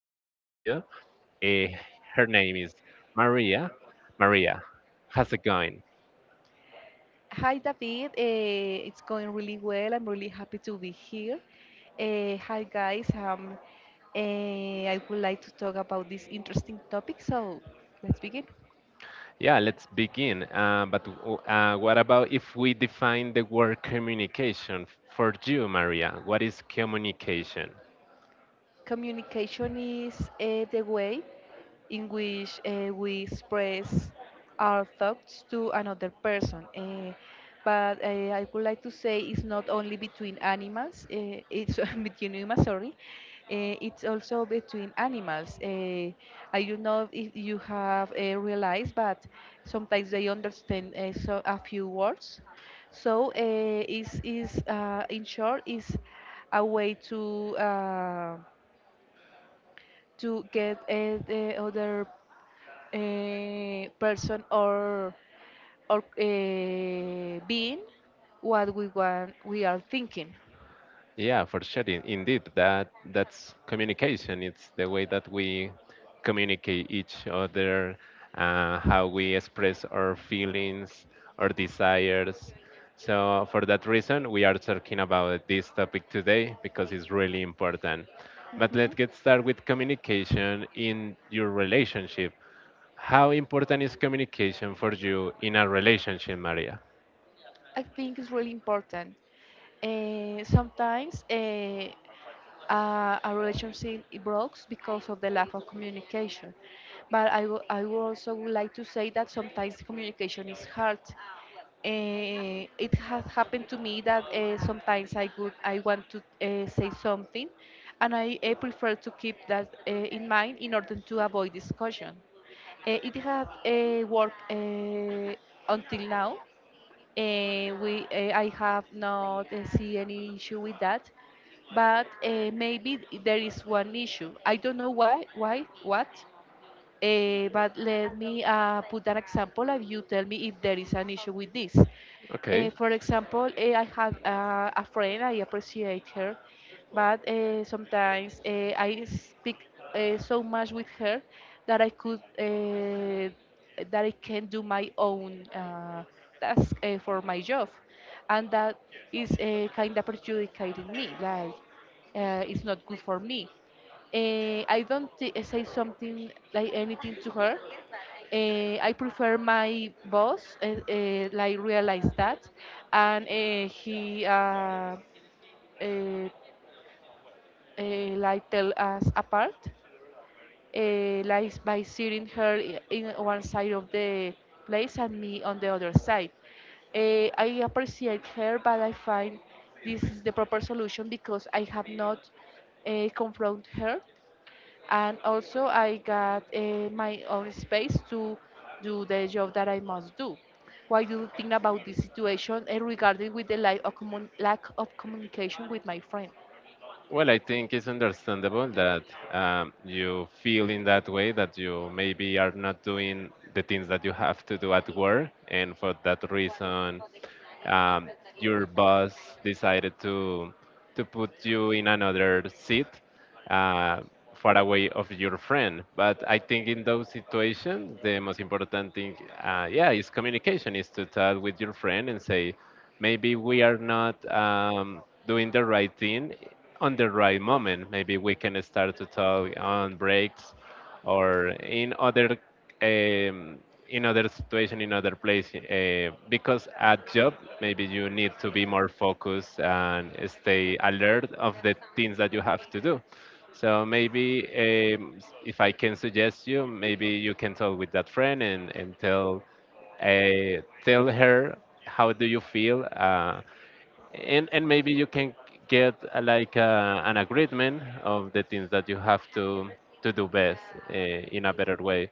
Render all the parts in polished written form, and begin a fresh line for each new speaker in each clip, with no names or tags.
the studio. Eh, Her name is Maria. Maria, how's it going?
Hi, David. It's going really well. I'm really happy to be here. Hi, guys. I would like to talk about this interesting topic. So let's begin.
Yeah, let's begin. But what about if we define the word communication for you, Maria? What is communication?
Communication is the way in which we express our thoughts to another person. But I would like to say it's not only between animals, it's between humans, sorry. It's also between animals. I don't know if you have realized, but sometimes they understand so a few words. So is in short is a way to get the other person or or being what we want we are thinking.
Yeah, for sure. Indeed, that's communication. It's the way that we communicate each other, how we express our feelings, our desires. So for that reason, we are talking about this topic today because it's really important. But
Hmm.
let's get started with communication in your relationship. How important is communication for you in a relationship, Maria?
I think it's really important. Sometimes a relationship it breaks because of the lack of communication, but I would also would like to say that sometimes communication is hard. Eh, it has happened to me that sometimes I want to say something, and I prefer to keep that in mind in order to avoid discussion. It had worked until now. We I have not see any issue with that, but maybe there is one issue. I don't know why what. But let me put an example of you tell me if there is an issue with this.
Okay.
For example, I have a friend, I appreciate her, but sometimes I speak so much with her that I could that I can do my own task for my job, and that is kind of perjudicating me. Like it's not good for me. I don't say something like anything to her. I prefer my boss, like realize that, and he uh, like tell us apart, like by sitting her in one side of the place and me on the other side. I appreciate her, but I find this is the proper solution because I have not confront her, and also I got my own space to do the job that I must do. What do you think about this situation regarding with the lack of, lack of communication with my friend?
Well, I think it's understandable that you feel in that way that you maybe are not doing the things that you have to do at work, and for that reason, um, your boss decided to put you in another seat, uh, far away of your friend. But I think in those situations, the most important thing, yeah, is communication, is to talk with your friend and say, maybe we are not doing the right thing on the right moment. Maybe we can start to talk on breaks or in other um, in other situation in other place, because at job maybe you need to be more focused and stay alert of the things that you have to do. So maybe if I can suggest you, maybe you can talk with that friend and tell, tell her how do you feel, and maybe you can get, like, an agreement of the things that you have to do best, in a better way.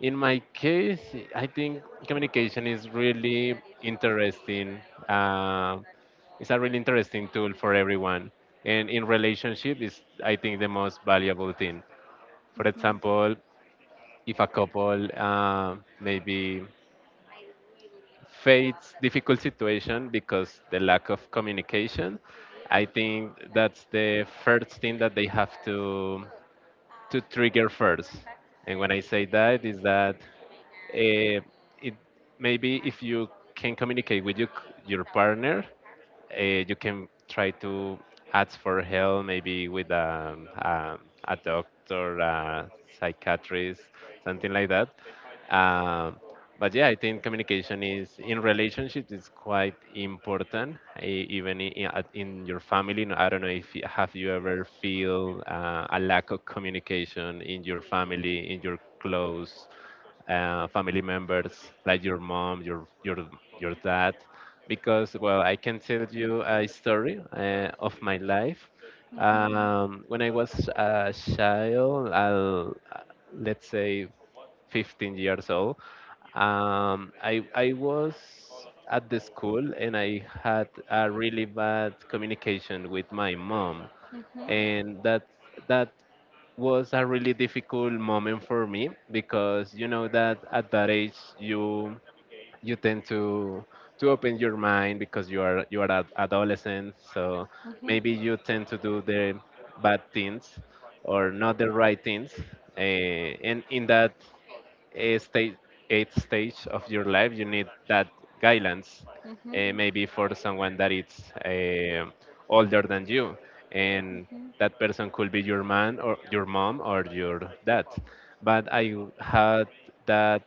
In my case, I think communication is really interesting. uh, it's a really interesting tool for everyone, and in relationship is, I think, the most valuable thing. For
Mhm.
example, if a couple, maybe Faith's difficult situation because the lack of communication. I think that's the first thing that they have to trigger first. And when I say that is that, uh, it maybe if you can communicate with your your partner, you can try to ask for help maybe with, a doctor, a psychiatrist, something like that. Um, but yeah, I think communication is in relationships is quite important, even in your family. No, I don't know if you, have you ever feel a lack of communication in your family, in your close, family members like your mom, your dad, because well, I can tell you a story, of my life.
Mhm.
When I was a child, let's say 15 years old, I was at the school and I had a really bad communication with my mom,
Mhm.
and that was a really difficult moment for me, because you know that at that age you tend to open your mind because you are an adolescent. So
Mhm.
maybe you tend to do the bad things, or not the right things, and in that a stage, eight stage of your life, you need that guidance.
Mhm.
Maybe for someone that is older than you, and
Mhm.
that person could be your man or your mom or your dad. But I had that.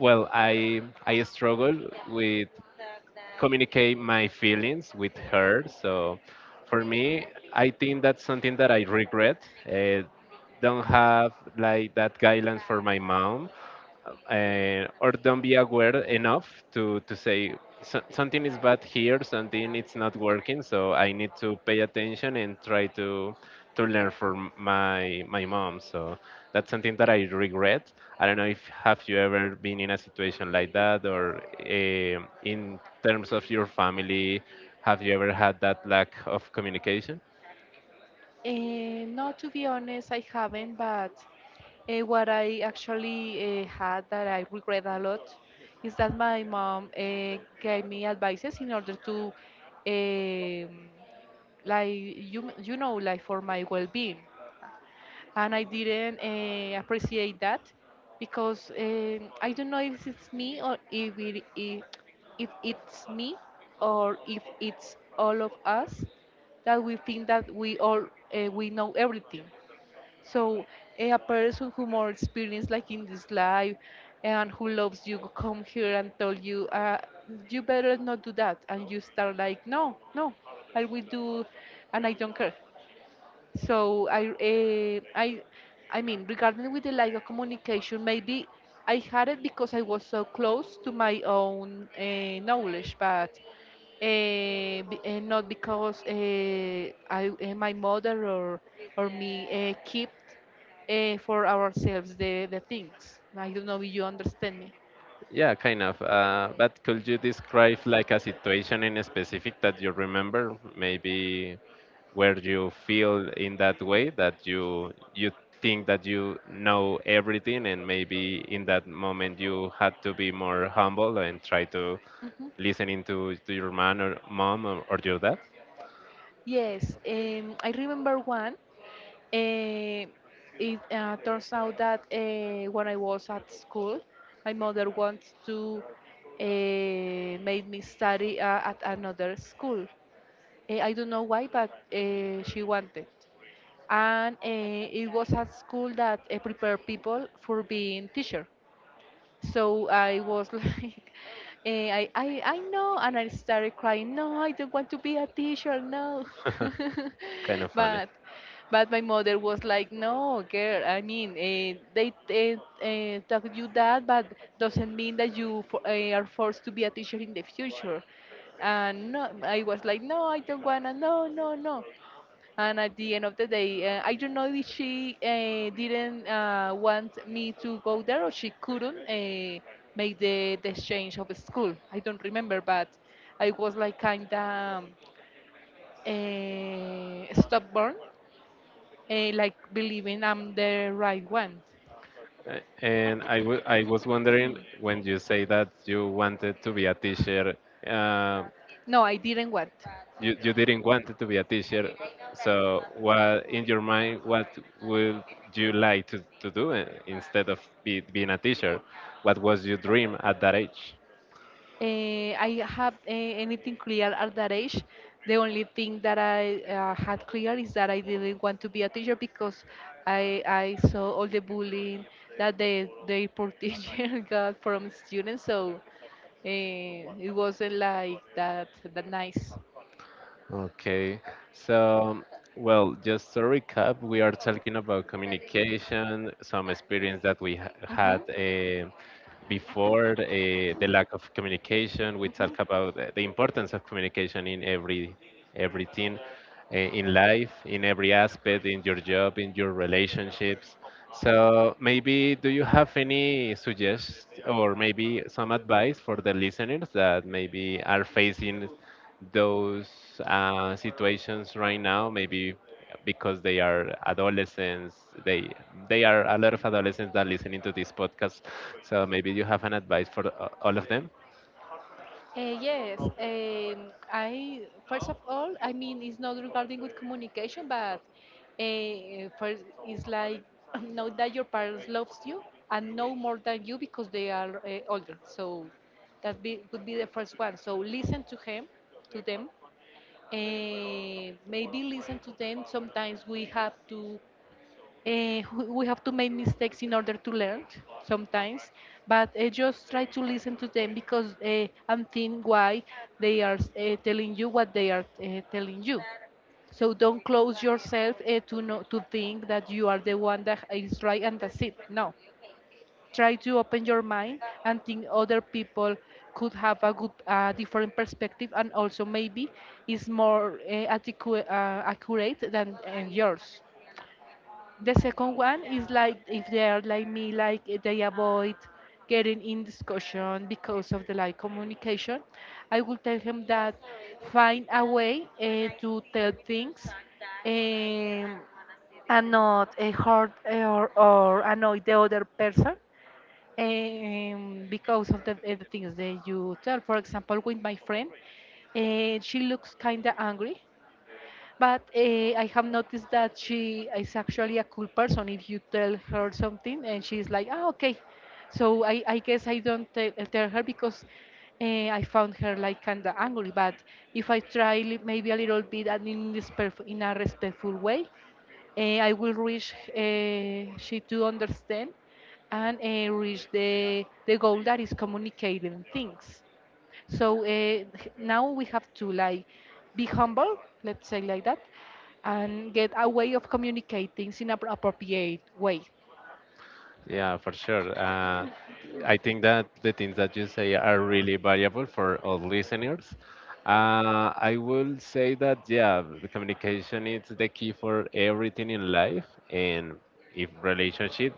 Well, I struggle with communicate my feelings with her. So for me, I think that's something that I regret. Don't have like that guidance for my mom, or don't be aware enough to say, Something is bad here, something it's not working, so I need to pay attention and try to learn from my mom." So that's something that I regret. I don't know if have you ever been in a situation like that, or in terms of your family, have you ever had that lack of communication?
Eh, no, to be honest, I haven't, but what I actually had that I regret a lot is that my mom gave me advices in order to, um like you know, like for my well-being, and I didn't appreciate that because I don't know if it's me or if it's me or if it's all of us that we think that we all we know everything. So eh, a person who more experienced like in this life and who loves you come here and tell you you better not do that, and you start like, no, no, I will do, and I don't care. So I I mean regarding with the lack of communication, maybe I had it because I was so close to my own knowledge, but not because I my mother or me kept for ourselves the things. I don't know if you understand me.
Yeah, kind of. But could you describe like a situation in specific that you remember? Maybe where you feel in that way that you think that you know everything, and maybe in that moment you had to be more humble and try to
Mhm.
listen to your man or mom or your dad.
Yes, I remember one. Eh, it turns out that when I was at school, my mother wants to make me study at another school. Eh, I don't know why, but she wanted. And it was a school that prepared people for being teacher. So I was like, I know, and I started crying. No, I don't want to be a teacher. No,
Kind of funny.
but but my mother was like, no, girl. I mean, they taught you that, but doesn't mean that you are forced to be a teacher in the future. And no, I was like, no, I don't wanna. No, no, no. And at the end of the day, I don't know if she didn't want me to go there, or she couldn't make the exchange of school. I don't remember, but I was like kind of stubborn, like believing I'm the right one.
And I was wondering when you say that you wanted to be a teacher. um
No, I didn't want.
you didn't want to be a teacher, so what in your mind, what would you like to do, instead of being a teacher? What was your dream at that age?
I have anything clear at that age. The only thing that I had clear is that I didn't want to be a teacher because I saw all the bullying that the poor teacher got from students. So it wasn't like that that nice.
Okay, so well, just to recap, we are talking about communication, some experience that we
Hmm.
had, before, the lack of communication. We
Hmm.
talk about the importance of communication in every everything, in life, in every aspect, in your job, in your relationships. So maybe do you have any suggestions or maybe some advice for the listeners that maybe are facing those, situations right now? Maybe because they are adolescents, they they are a lot of adolescents that listening to this podcast. So maybe you have an advice for, all of them.
Yes, I first of all, I mean, it's not regarding with communication, but first it's like know that your parents loves you and know more than you because they are older. So that would be the first one. So listen to him, to them. Maybe listen to them. Sometimes uh, we have to make mistakes in order to learn sometimes, but just try to listen to them because and think why they are telling you what they are telling you. So don't close yourself to no, to think that you are the one that is right, and that's it. No, try to open your mind and think other people could have a good different perspective, and also maybe is more accurate than yours. The second one is like, if they are like me, like eh, they avoid getting in discussion because of the like communication. I will tell him that find a way to tell things, um, and not hurt or annoy the other person, because of the, the things that you tell. For example, with my friend, she looks kind of angry, but I have noticed that she is actually a cool person. If you tell her something and she's like, ah, okay. So I guess I don't tell her because I found her like kind of angry. But if I try maybe a little bit and in, in a respectful way, I will reach she to understand and reach the goal that is communicating things. So now we have to like be humble, let's say like that, and get a way of communicating in an appropriate way.
Yeah, for sure. I think that the things that you say are really valuable for all listeners. I will say that, yeah, the communication is the key for everything in life, and if relationship,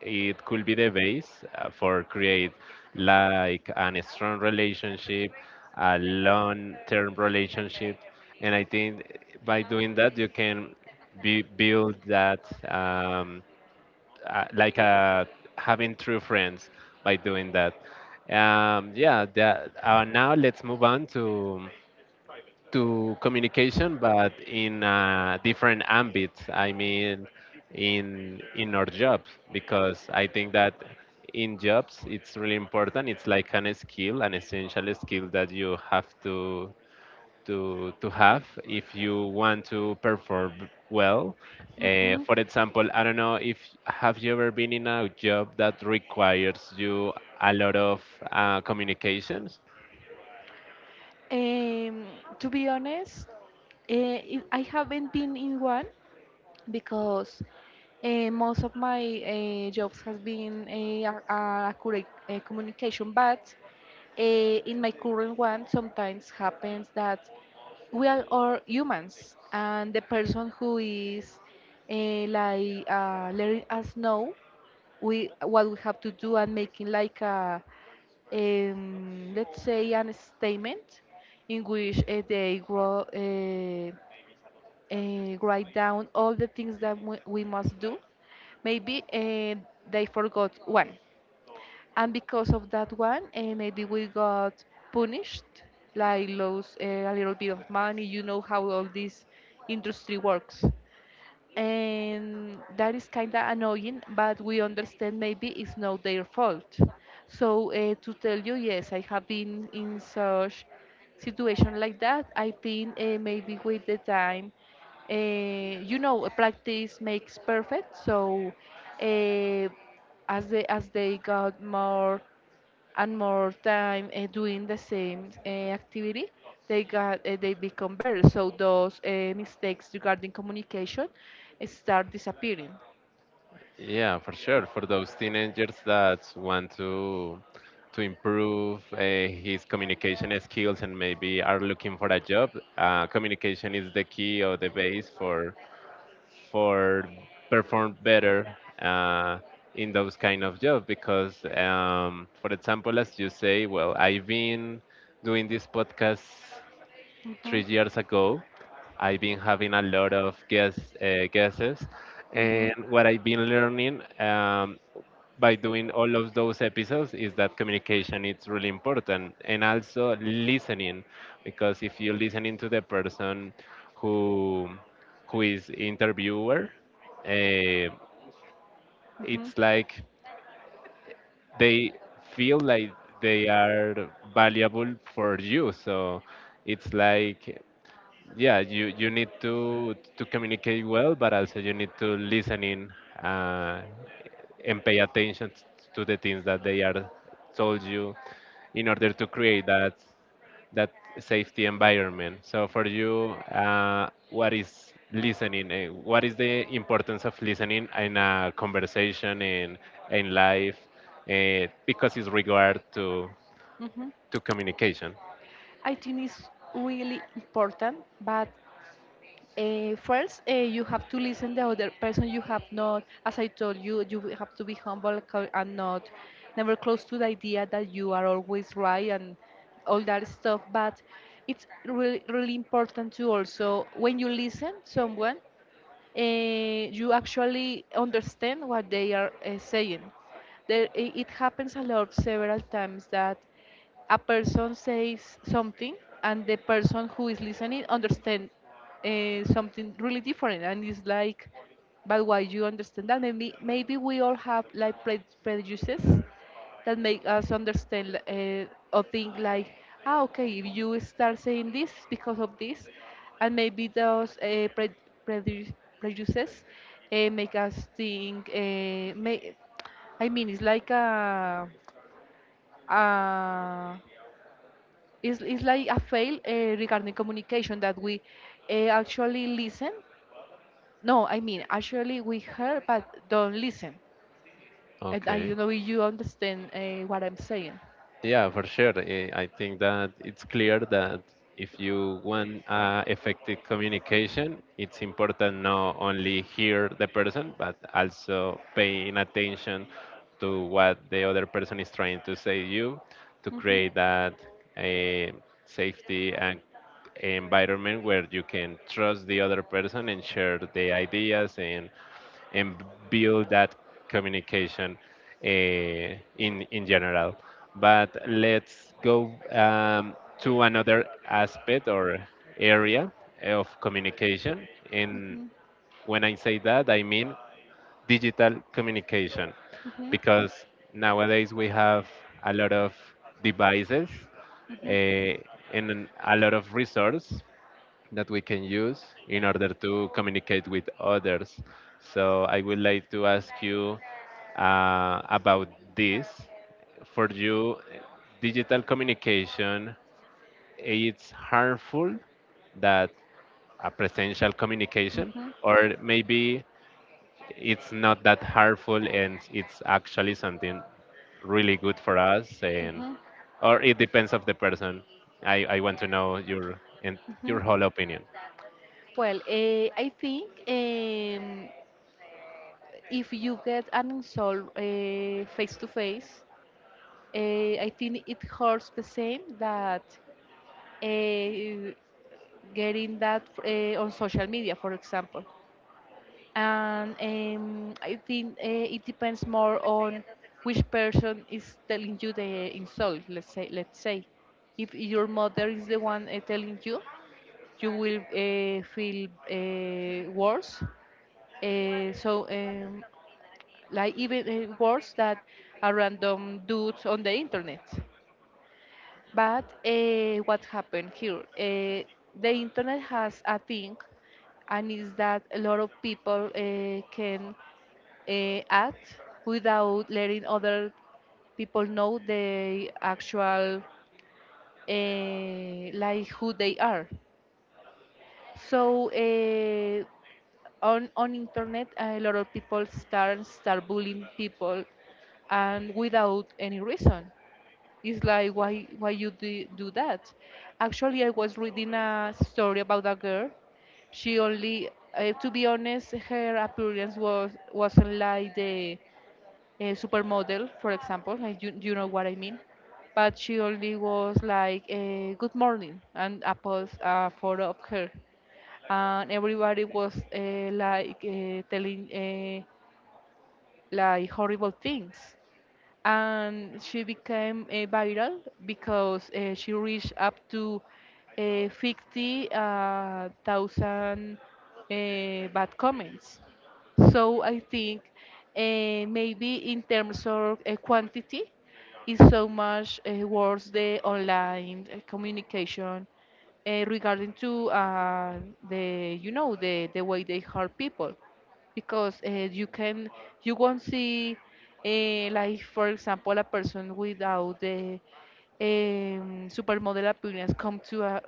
it could be the base, for create like an strong relationship, a long-term relationship, and I think by doing that you can build that. Um, like, having true friends by doing that. Yeah, that, now let's move on to communication, but in, different ambits. I mean, in our jobs, because I think that in jobs it's really important. It's like an skill, an essential skill that you have to have if you want to perform well.
Hmm.
For example, I don't know if have you ever been in a job that requires you a lot of, communications.
Um, to be honest, I haven't been in one because most of my jobs has been a accurate communication, but in my current one, sometimes happens that we are all humans, and the person who is like letting us know we what we have to do and making like a let's say an statement in which they grow, write down all the things that we must do. Maybe they forgot one, and because of that one maybe we got punished, like lost a little bit of money. You know how all this industry works, and that is kind of annoying, but we understand maybe it's not their fault. So to tell you, yes, I have been in such situation like that. I think maybe with the time you know practice makes perfect. So uh, as they got more and more time doing the same activity, they become better. So those mistakes regarding communication start disappearing.
Yeah, for sure. For those teenagers that want to improve, his communication skills, and maybe are looking for a job, communication is the key or the base for perform better, uh, in those kind of jobs, because for example, as you say, well, I've been doing this podcast three
Mhm.
years ago. I've been having a lot of guesses,
Mhm.
and what I've been learning, by doing all of those episodes is that communication is really important, and also listening, because if you're listening to the person who who is interviewer, uh,
Mhm.
it's like they feel like they are valuable for you, so it's like, yeah, you need to communicate well, but also you need to listen in, uh, and pay attention to the things that they are told you in order to create that safety environment. So for you, what is listening, what is the importance of listening in a conversation, in life, because it's regard to
Mhm.
to communication?
I think it's really important, but first, you have to listen the other person. You have not, as I told you, you will have to be humble and not, never close to the idea that you are always right and all that stuff. But it's really, really important to also, when you listen someone, you actually understand what they are saying. There it happens a lot several times that a person says something and the person who is listening understand something really different, and it's like, but why you understand that? Maybe we all have like prejudices that make us understand or think like, ah, okay, if you start saying this because of this. And maybe those prejudice- prejudices make us think may, I mean it's like a it's like a fail regarding communication that we actually listen. No, I mean, actually we hear but don't listen. And I
Okay.
don't know if you understand what I'm saying.
Yeah, for sure. I think that it's clear that if you want, effective communication, it's important not only hear the person, but also paying attention to what the other person is trying to say you to
Mhm.
create that, eh, safety and environment where you can trust the other person and share the ideas, and build that communication, in general. But let's go, to another aspect or area of communication. And
Mhm.
when I say that, I mean digital communication,
Mhm.
because nowadays we have a lot of devices,
Mhm.
uh, and a lot of resources that we can use in order to communicate with others. So I would like to ask you, about this. For you, digital communication it's harmful that a presential communication,
Mhm.
or maybe it's not that harmful and it's actually something really good for us, and
Mhm.
or it depends of the person. I want to know your and your
Mhm.
whole opinion.
I think if you get an insult face to face, I think it hurts the same that uh, getting that on social media, for example. And I think it depends more on which person is telling you the insult. Let's say, if your mother is the one telling you, you will feel worse. So, like even worse that a random dudes on the internet. But what happened here? The internet has a thing and is that a lot of people can act without letting other people know the actual like who they are. So on internet, a lot of people start bullying people, and without any reason. It's like why you do that? Actually, I was reading a story about a girl. She only, to be honest, her appearance wasn't like the supermodel, for example. Like you know what I mean. But she only was like a good morning and a post a photo of her, and everybody was like telling like horrible things and she became viral because she reached up to 50,000 bad comments. So I think maybe in terms of quantity, is so much worse the online communication regarding to the the way they hurt people because you can you won't see like for example a person without the supermodel appearance come to a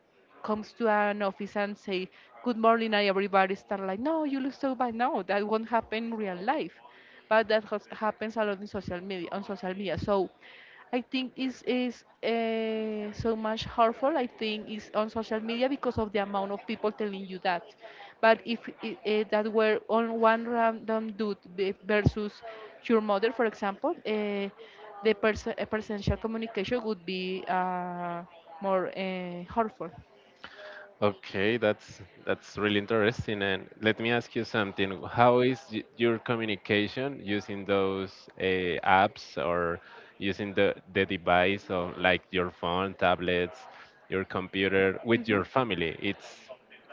comes to an office and say good morning and everybody start like, no, you look so bad. No, that won't happen in real life, but that has, happens a lot in social media on social media. So I think is so much harmful. I think is on social media because of the amount of people telling you that. But if it, that were on one random versus your mother, for example, the percentual communication would be more harmful.
Okay, that's really interesting. And let me ask you something. How is your communication using those, apps, or using the device of like your phone, tablets, your computer with
Mhm,
your family? It's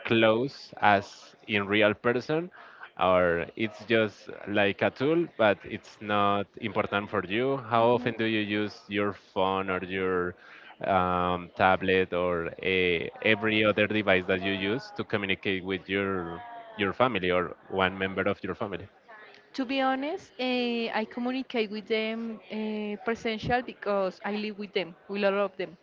close as in real person, or it's just like a tool but it's not important for you? How
mhm.
often do you use your phone or your, tablet, or a, every other device that you use to communicate with your family or one member of your family?
To be honest, I communicate with them presential because I live with them, with a lot of them.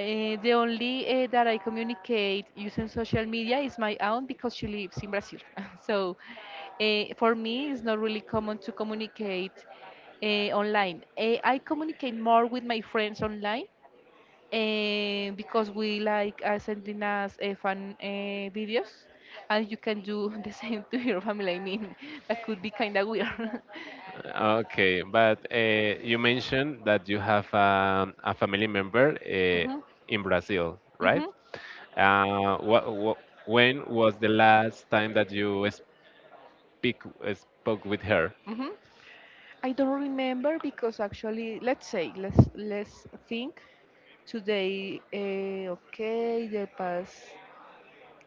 The only that I communicate using social media is my aunt because she lives in Brazil. So for me, it's not really common to communicate online. I communicate more with my friends online because we like sending us fun videos, and you can do the same to your family. I mean, that could be kind of weird.
Okay, but, you mentioned that you have, a family member,
Hmm,
in Brazil, right?
hmm,
What, when was the last time that you speak spoke with her?
hmm. I don't remember because actually, let's say, let's think today. Okay, the past.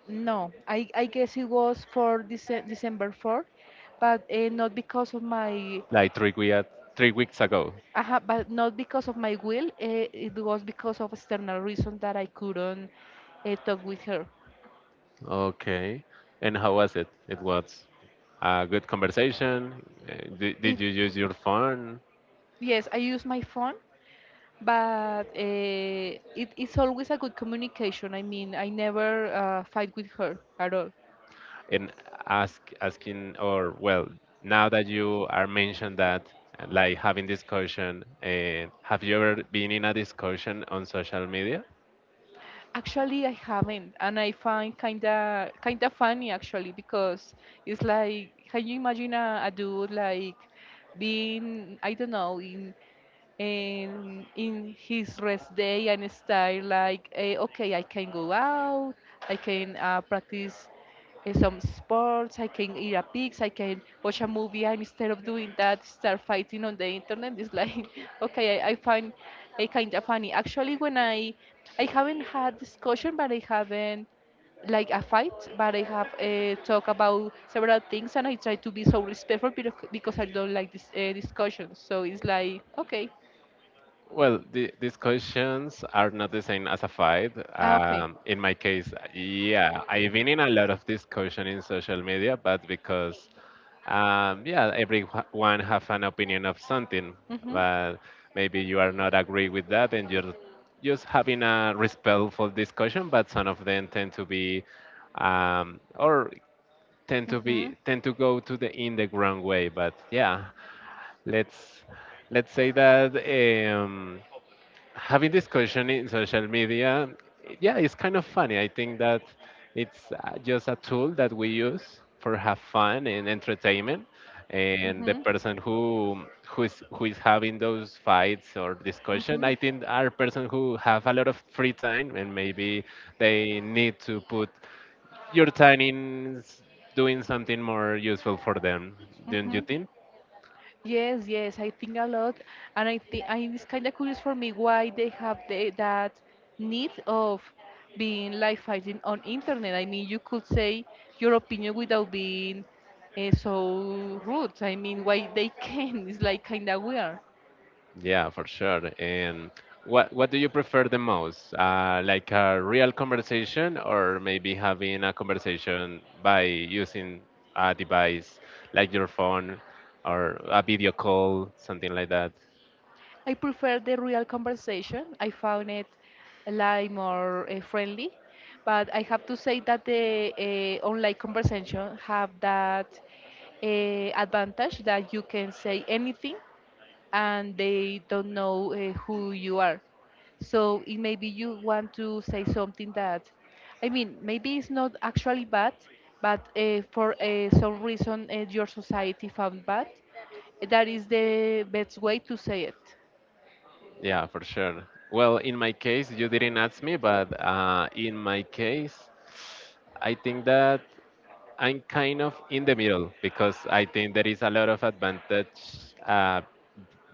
No, I guess it was for December 4th, but not because of my.
Like 3 weeks ago.
But not because of my will. It was because of external reason that I couldn't talk with her.
Okay. And how was it? It was a good conversation. Did,
If
did you use your phone
yes, I use my phone, but it's always a good communication. I mean, I never fight with her at all.
and asking or well, now that you are mentioned that, like having discussion, have you ever been in a discussion on social media?
Actually, I haven't, and I find kinda funny actually because it's like, can you imagine a dude like being, I don't know, in and in his rest day and style like, okay, I can go out, I can practice some sports, I can eat a pizza, I can watch a movie, and instead of doing that start fighting on the internet. It's like okay, I find it kind of funny actually when I haven't had discussion, but I haven't like a fight, but I have talked about several things, and I try to be so respectful because I don't like this discussion. So it's like okay.
Well, the discussions are not the same as a fight.
Ah, okay.
In my case, yeah, I've been in a lot of discussion in social media, but because, yeah, everyone have an opinion of something,
Mhm.
but maybe you are not agree with that, and you're just having a respectful discussion. But some of them tend to be, or tend to
Mhm.
be tend to go to the in the wrong way. But yeah, let's let's say that. Having discussion in social media, yeah, it's kind of funny. I think that it's just a tool that we use for have fun and entertainment, and the
Mhm.
person who who is having those fights or discussion,
Mhm.
I think, are person who have a lot of free time and maybe they need to put your time in doing something more useful for them. Don't you
Mhm.
think?
Yes, yes, I think a lot, and I think I it's kind of curious for me why they have the, that need of being live fighting on internet. I mean, you could say your opinion without being so rude. I mean, why they can? It's like kind of weird.
Yeah, for sure. And what do you prefer the most? Like a real conversation, or maybe having a conversation by using a device like your phone, or a video call, something like that?
I prefer the real conversation. I found it like more friendly, but I have to say that the online conversation have that advantage that you can say anything and they don't know who you are. So it maybe you want to say something that, I mean, maybe it's not actually bad, but for some reason your society found bad. That is the best way to say it.
Yeah, for sure. Well, in my case, you didn't ask me, but in my case, I think that I'm kind of in the middle, because I think there is a lot of advantage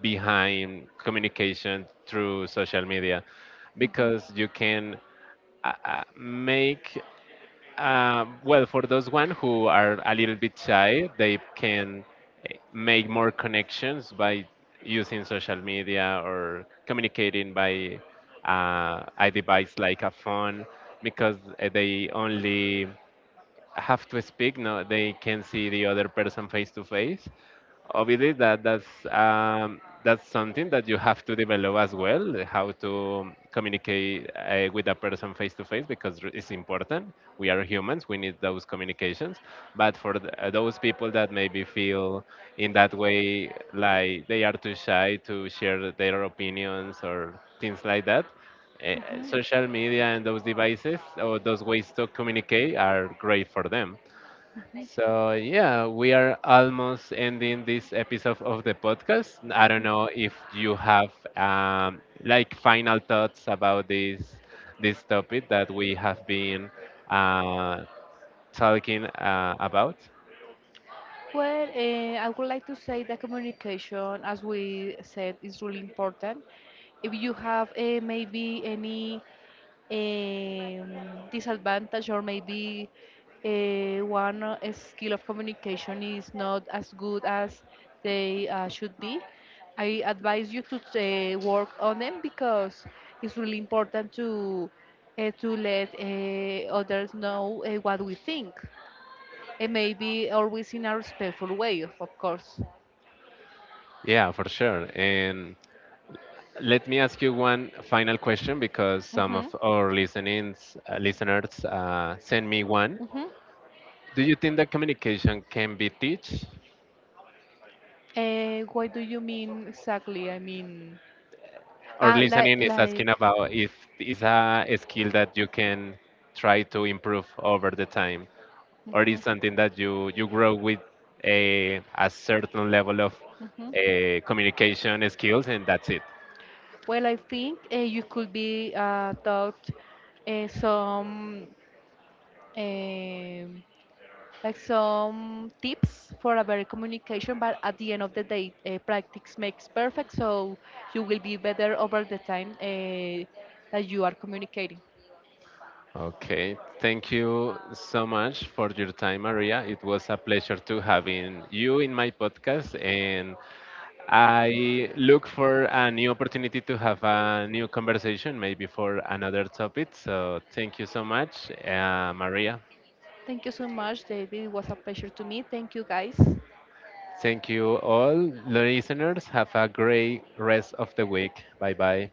behind communication through social media,
Mhm,
because you can make, well, for those one who are a little bit shy, they can, make more connections by using social media, or communicating by a device like a phone, because they only have to speak. No, they can see the other person face to face. Obviously that that's something that you have to develop as well, how to communicate with a person face to face, because it's important. We are humans, we need those communications. But for those people that maybe feel in that way, like they are too shy to share their opinions or things like that, uh,
mhm.
social media and those devices or those ways to communicate are great for them. So, yeah, we are almost ending this episode of the podcast. I don't know if you have, like, final thoughts about this this topic that we have been uh, talking about.
Well, I would like to say that communication, as we said, is really important. If you have maybe any disadvantage or maybe one skill of communication is not as good as they should be, I advise you to work on them because it's really important to let others know what we think and maybe always in a respectful way, of course.
Yeah, for sure. And let me ask you one final question, because some of
Mhm.
our listenings, listeners send me one.
Mhm.
Do you think that communication can be taught?
What do you mean exactly? I mean,
Or
like,
listening is
like,
asking about if it's a skill that you can try to improve over the time, or is
Mhm.
something that you grow with a certain level of
Mhm.
communication skills, and that's it.
Well, I think you could be taught some, um like some tips for a better communication. But at the end of the day, practice makes perfect, so you will be better over the time that you are communicating.
Okay, thank you so much for your time, Maria. It was a pleasure to having you in my podcast, and I look for a new opportunity to have a new conversation, maybe for another topic. So thank you so much, Maria.
Thank you so much, David. It was a pleasure to me. Thank you, guys.
Thank you all, listeners. Have a great rest of the week. Bye bye.